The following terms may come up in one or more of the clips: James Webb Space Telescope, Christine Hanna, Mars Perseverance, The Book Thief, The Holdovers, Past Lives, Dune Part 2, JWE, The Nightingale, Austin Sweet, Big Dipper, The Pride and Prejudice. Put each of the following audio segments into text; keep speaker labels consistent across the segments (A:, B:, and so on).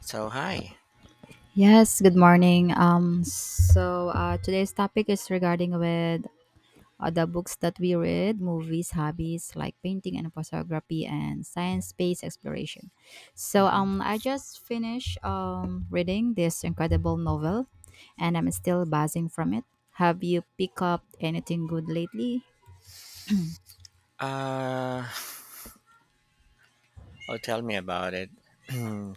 A: So hi.
B: Yes, good morning. Today's topic is regarding with the books that we read, movies, hobbies like painting and photography, and science space exploration.
A: Mhm.
B: I just finished reading this incredible novel, and I'm still buzzing from it. Have you picked up anything good lately?
A: Uh, oh, tell me about it. Hmm.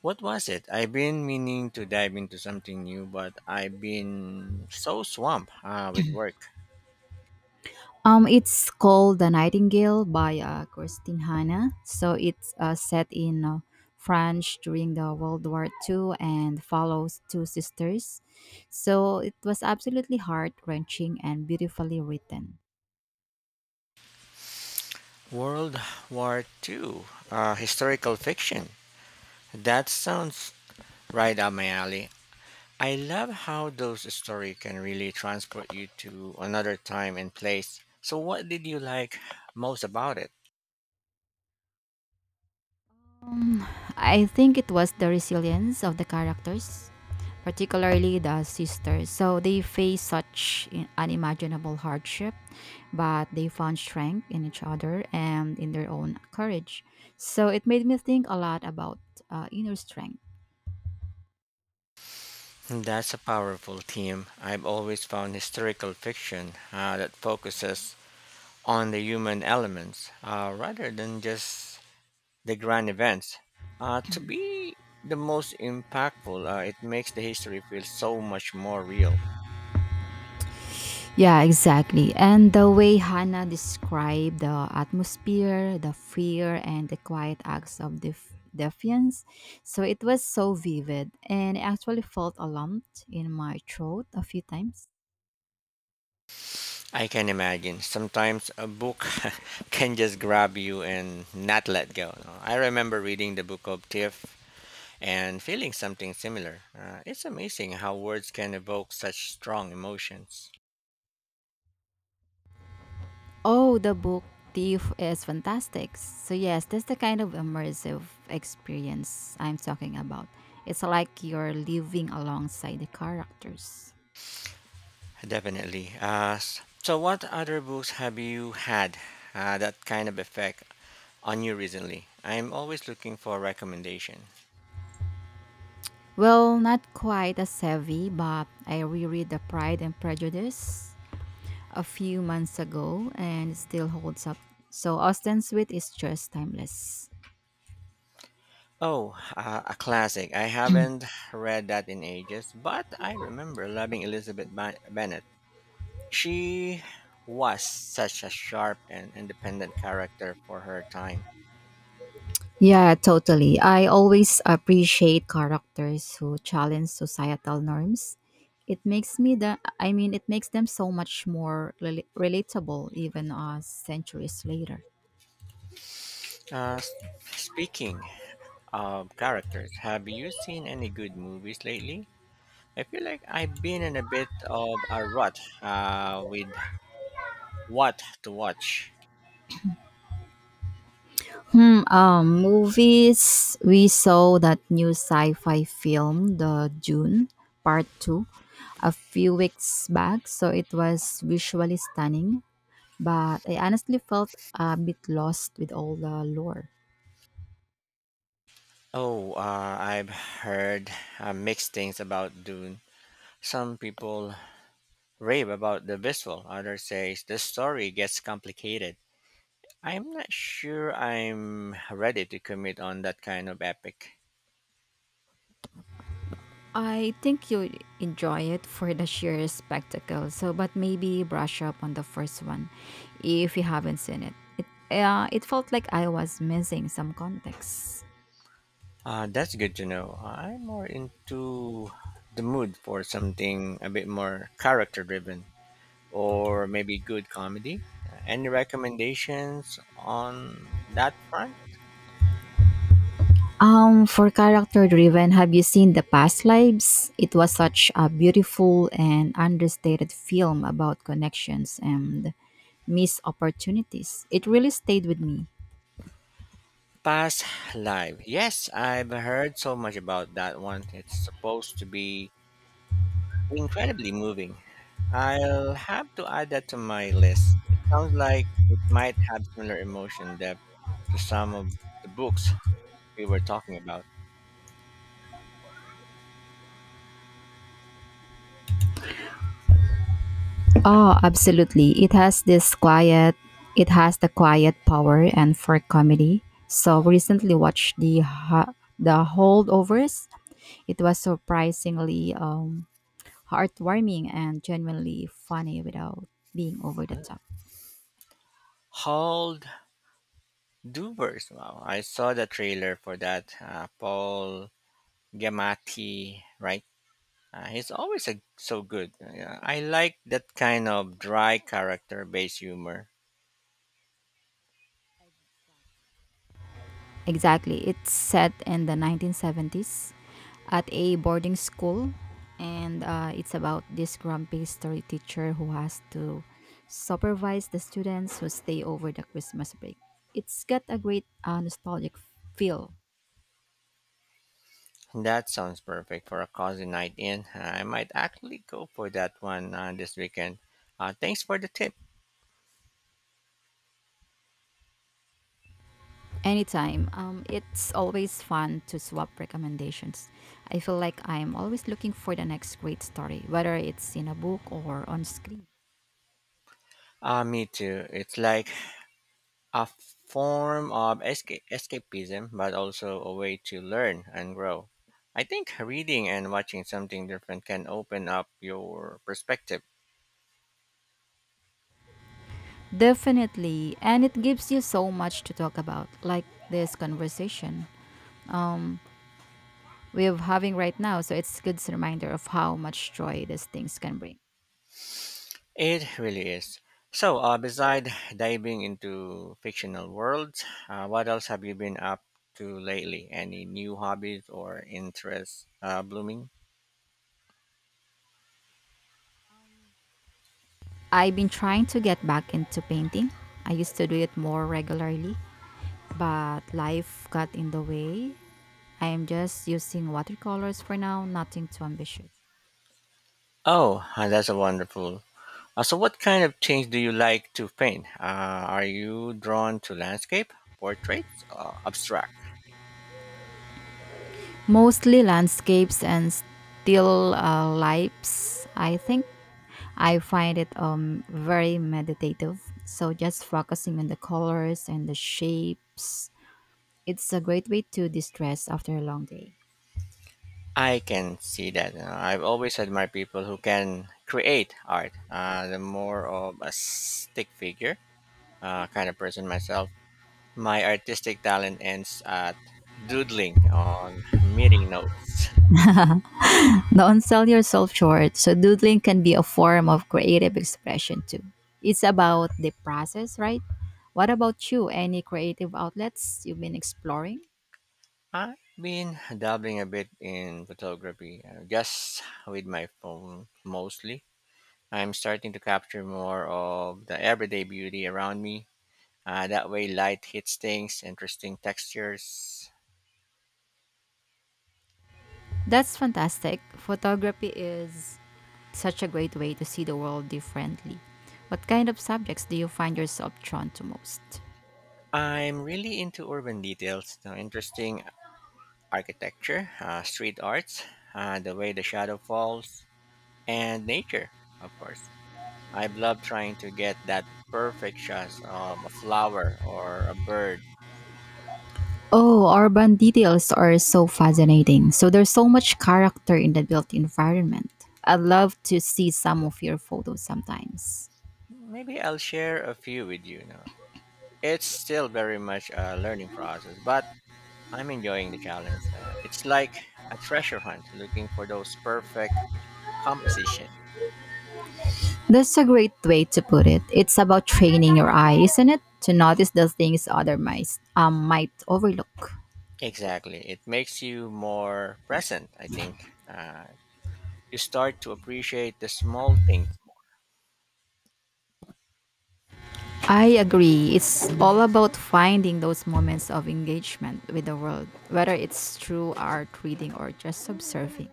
A: What was it? I've been meaning to dive into something new, but I've been so swamped with work.
B: It's called The Nightingale by Christine Hanna. So it's set in France during the World War II and follows two sisters. So it was absolutely heart wrenching and beautifully written.
A: World War Two, historical fiction. That sounds right up my alley. I love how those stories can really transport you to another time and place. So, what did you like most about it?
B: I think it was the resilience of the characters, particularly the sisters. So they faced such unimaginable hardship, but they found strength in each other and in their own courage. So it made me think a lot about inner strength.
A: That's a powerful theme. I've always found historical fiction that focuses on the human elements rather than just the grand events. To be the most impactful, it makes the history feel so much more real.
B: Yeah, exactly. And the way Hannah described the atmosphere, the fear, and the quiet acts of defiance, so it was so vivid, and I actually felt a lump in my throat a few times.
A: I can imagine. Sometimes a book can just grab you and not let go. No? I remember reading the book of Tiff and feeling something similar. It's amazing how words can evoke such strong emotions.
B: Oh, the book Thief is fantastic. So yes, that's the kind of immersive experience I'm talking about. It's like you're living alongside the characters.
A: Definitely. So, what other books have you had that kind of effect on you recently? I'm always looking for recommendation.
B: Well, not quite as heavy, but I reread The Pride and Prejudice a few months ago and it still holds up. So Austin Sweet is just timeless.
A: Oh, a classic. I haven't read that in ages, but I remember loving Elizabeth Bennet. She was such a sharp and independent character for her time.
B: Yeah, totally. I always appreciate characters who challenge societal norms. It makes me the I mean it makes them so much more relatable even centuries later.
A: Uh, s- speaking of characters, have you seen any good movies lately? I feel like I've been in a bit of a rut with what to watch.
B: Movies we saw that new sci-fi film The Dune Part 2 a few weeks back, so it was visually stunning, but I honestly felt a bit lost with all the lore.
A: Oh, I've heard mixed things about Dune. Some people rave about the visual, others say the story gets complicated. I'm not sure I'm ready to commit on that kind of epic.
B: I think you enjoy it for the sheer spectacle. So, but maybe brush up on the first one if you haven't seen it. It felt like I was missing some context.
A: That's good to know. I'm more into the mood for something a bit more character driven, or maybe good comedy. Any recommendations on that front?
B: For character driven, have you seen The Past Lives? It was such a beautiful and understated film about connections and missed opportunities. It really stayed with me.
A: Past Live. Yes, I've heard so much about that one. It's supposed to be incredibly moving. I'll have to add that to my list. It sounds like it might have similar emotion depth to some of the books we were talking about.
B: Oh,
A: Absolutely.
B: absolutely. It has the quiet power, and for comedy. So recently watched the holdovers. It was surprisingly heartwarming and genuinely funny without being over the top.
A: Hold Duvers. Wow, I saw the trailer for that. Paul Giamatti, right? He's always a, so good. Yeah, I like that kind of dry character based humor.
B: Exactly. It's set in the 1970s at a boarding school, and it's about this grumpy story teacher who has to supervise the students who stay over the Christmas break. It's got a great nostalgic feel.
A: That sounds perfect for a cozy night in. I might actually go for that one this weekend. Thanks for the tip.
B: Anytime. It's always fun to swap recommendations. I feel like I'm always looking for the next great story, whether it's in a book or on screen.
A: Me too. It's like a form of escapism, but also a way to learn and grow. I think reading and watching something different can open up your perspective.
B: Definitely. And it gives you so much to talk about, like this conversation, um, we're having right now. So it's a good reminder of how much joy these things can bring.
A: It really is. So, beside diving into fictional worlds, what else have you been up to lately? Any new hobbies or interests blooming?
B: I've been trying to get back into painting. I used to do it more regularly, but life got in the way. I am just using watercolors for now, nothing too ambitious.
A: Oh, that's a wonderful. So, what kind of things do you like to paint? Are you drawn to landscape, portraits, abstract?
B: Mostly landscapes and still lifes. I think I find it very meditative. So just focusing on the colors and the shapes. It's a great way to distress after a long day.
A: I can see that. I've always admired people who can create art. The more of a stick figure kind of person myself. My artistic talent ends at doodling on meeting notes.
B: Don't sell yourself short. So doodling can be a form of creative expression too. It's about the process, right? What about you? Any creative outlets you've been exploring?
A: I've been dabbling a bit in photography, just with my phone mostly. I'm starting to capture more of the everyday beauty around me. That way, light hits things, interesting textures.
B: That's fantastic. Photography is such a great way to see the world differently. What kind of subjects do you find yourself drawn to most?
A: I'm really into urban details, the interesting architecture, street arts, the way the shadow falls, and nature, of course. I love trying to get that perfect shot of a flower or a bird.
B: Oh, urban details are so fascinating. So there's so much character in the built environment. I'd love to see some of your photos sometimes.
A: Maybe I'll share a few with you. Now, it's still very much a learning process, but I'm enjoying the challenge. It's like a treasure hunt, looking for those perfect composition.
B: That's a great way to put it. It's about training your eye, isn't it? To notice the things other mice might overlook.
A: Exactly, it makes you more present. I think uh, you start to appreciate the small things.
B: I agree. It's all about finding those moments of engagement with the world, whether it's through art, reading, or just observing.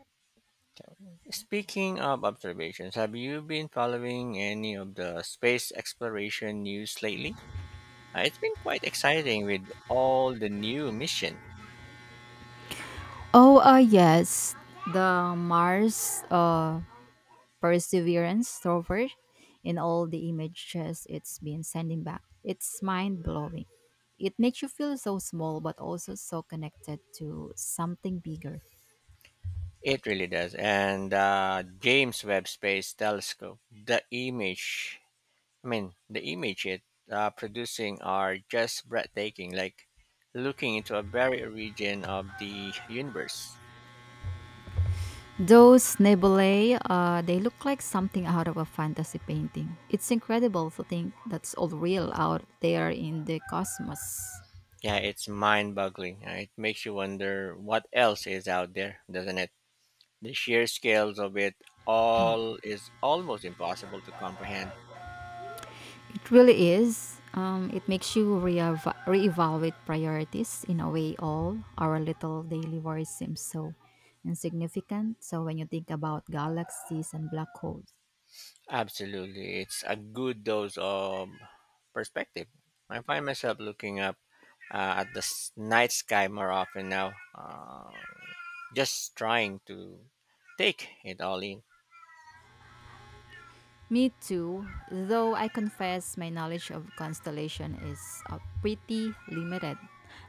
A: Speaking of observations, have you been following any of the space exploration news lately? It's been quite exciting with all the new mission.
B: Oh, yes, the Mars Perseverance rover in all the images it's been sending back. It's mind blowing. It makes you feel so small, but also so connected to something bigger.
A: It really does. And James Webb Space Telescope, the image it producing are just breathtaking, like looking into a very origin of the universe.
B: Those nebulae, they look like something out of a fantasy painting. It's incredible to think that's all real out there in the cosmos.
A: Yeah, it's mind-boggling. It makes you wonder what else is out there, doesn't it? The sheer scales of it all is almost impossible to comprehend.
B: It really is. It makes you re reevaluate priorities in a way, all our little daily worries seem so insignificant. So when you think about galaxies and black holes,
A: Absolutely. It's a good dose of perspective. I find myself looking up at the night sky more often now, just trying to take it all in.
B: me too, though I confess my knowledge of constellation is pretty limited.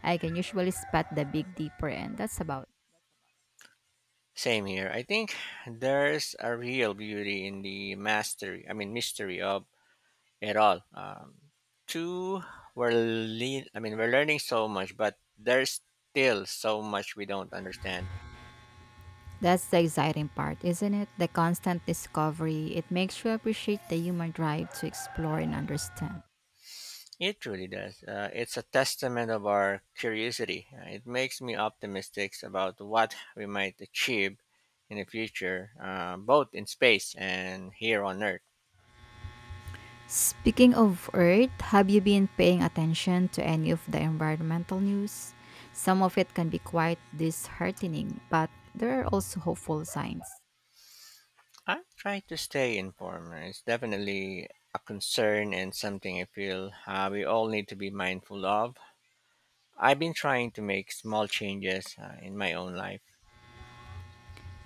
B: I can usually spot the big dipper and that's about.
A: Same here. I think there's a real beauty in the mystery of it all. Two, we're, le- I mean, we're learning so much, but there's still so much we don't understand.
B: That's the exciting part, isn't it? The constant discovery. It makes you appreciate the human drive to explore and understand.
A: It really does. It's a testament of our curiosity. It makes me optimistic about what we might achieve in the future, both in space and here on Earth.
B: Speaking of Earth, have you been paying attention to any of the environmental news? Some of it can be quite disheartening, but there are also hopeful signs.
A: I try to stay informed. It's definitely a concern and something I feel we all need to be mindful of. I've been trying to make small changes in my own life.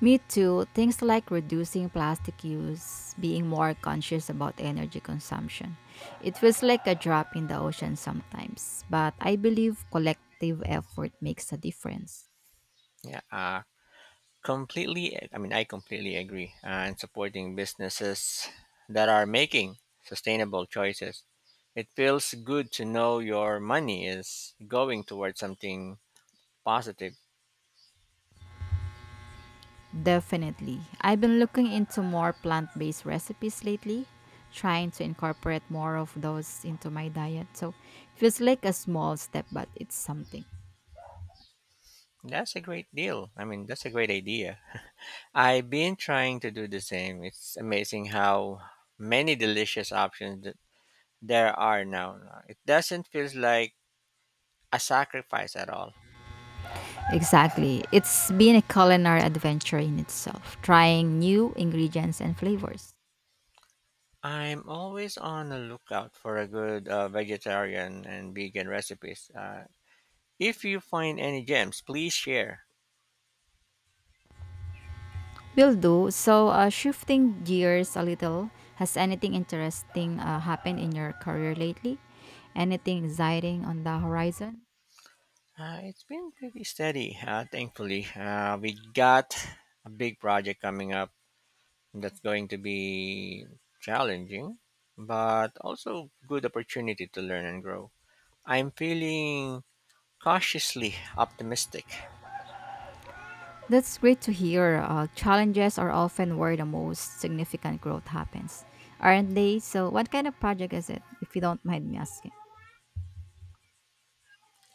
B: Me too. Things like reducing plastic use, being more conscious about energy consumption. It feels like a drop in the ocean sometimes, but I believe collective effort makes a difference.
A: Yeah, completely I mean I completely agree and supporting businesses that are making sustainable choices. It feels good to know your money is going towards something positive.
B: Definitely. I've been looking into more plant based recipes lately, trying to incorporate more of those into my diet. So it feels like a small step, but it's something.
A: That's a great idea. I've been trying to do the same. It's amazing how many delicious options that there are now. It doesn't feel like a sacrifice at all.
B: Exactly. It's been a culinary adventure in itself, trying new ingredients and flavors.
A: I'm always on the lookout for a good vegetarian and vegan recipes. If you find any gems, please share.
B: Will do. So, shifting gears a little, has anything interesting happened in your career lately? Anything exciting on the horizon?
A: It's been pretty steady, thankfully. We got a big project coming up that's going to be challenging, but also good opportunity to learn and grow. I'm feeling cautiously optimistic.
B: That's great to hear. Challenges are often where the most significant growth happens, aren't they? So, what kind of project is it, if you don't mind me asking?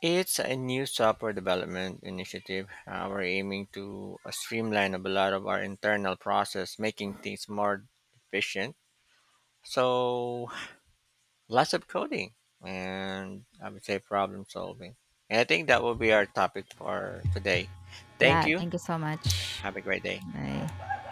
A: It's a new software development initiative. We're aiming to streamline a lot of our internal process, making things more efficient. So, lots of coding and I would say problem solving. And I think that will be our topic for today. Thank
B: Yeah,
A: you.
B: thank you so much.
A: Have a great day.
B: Bye.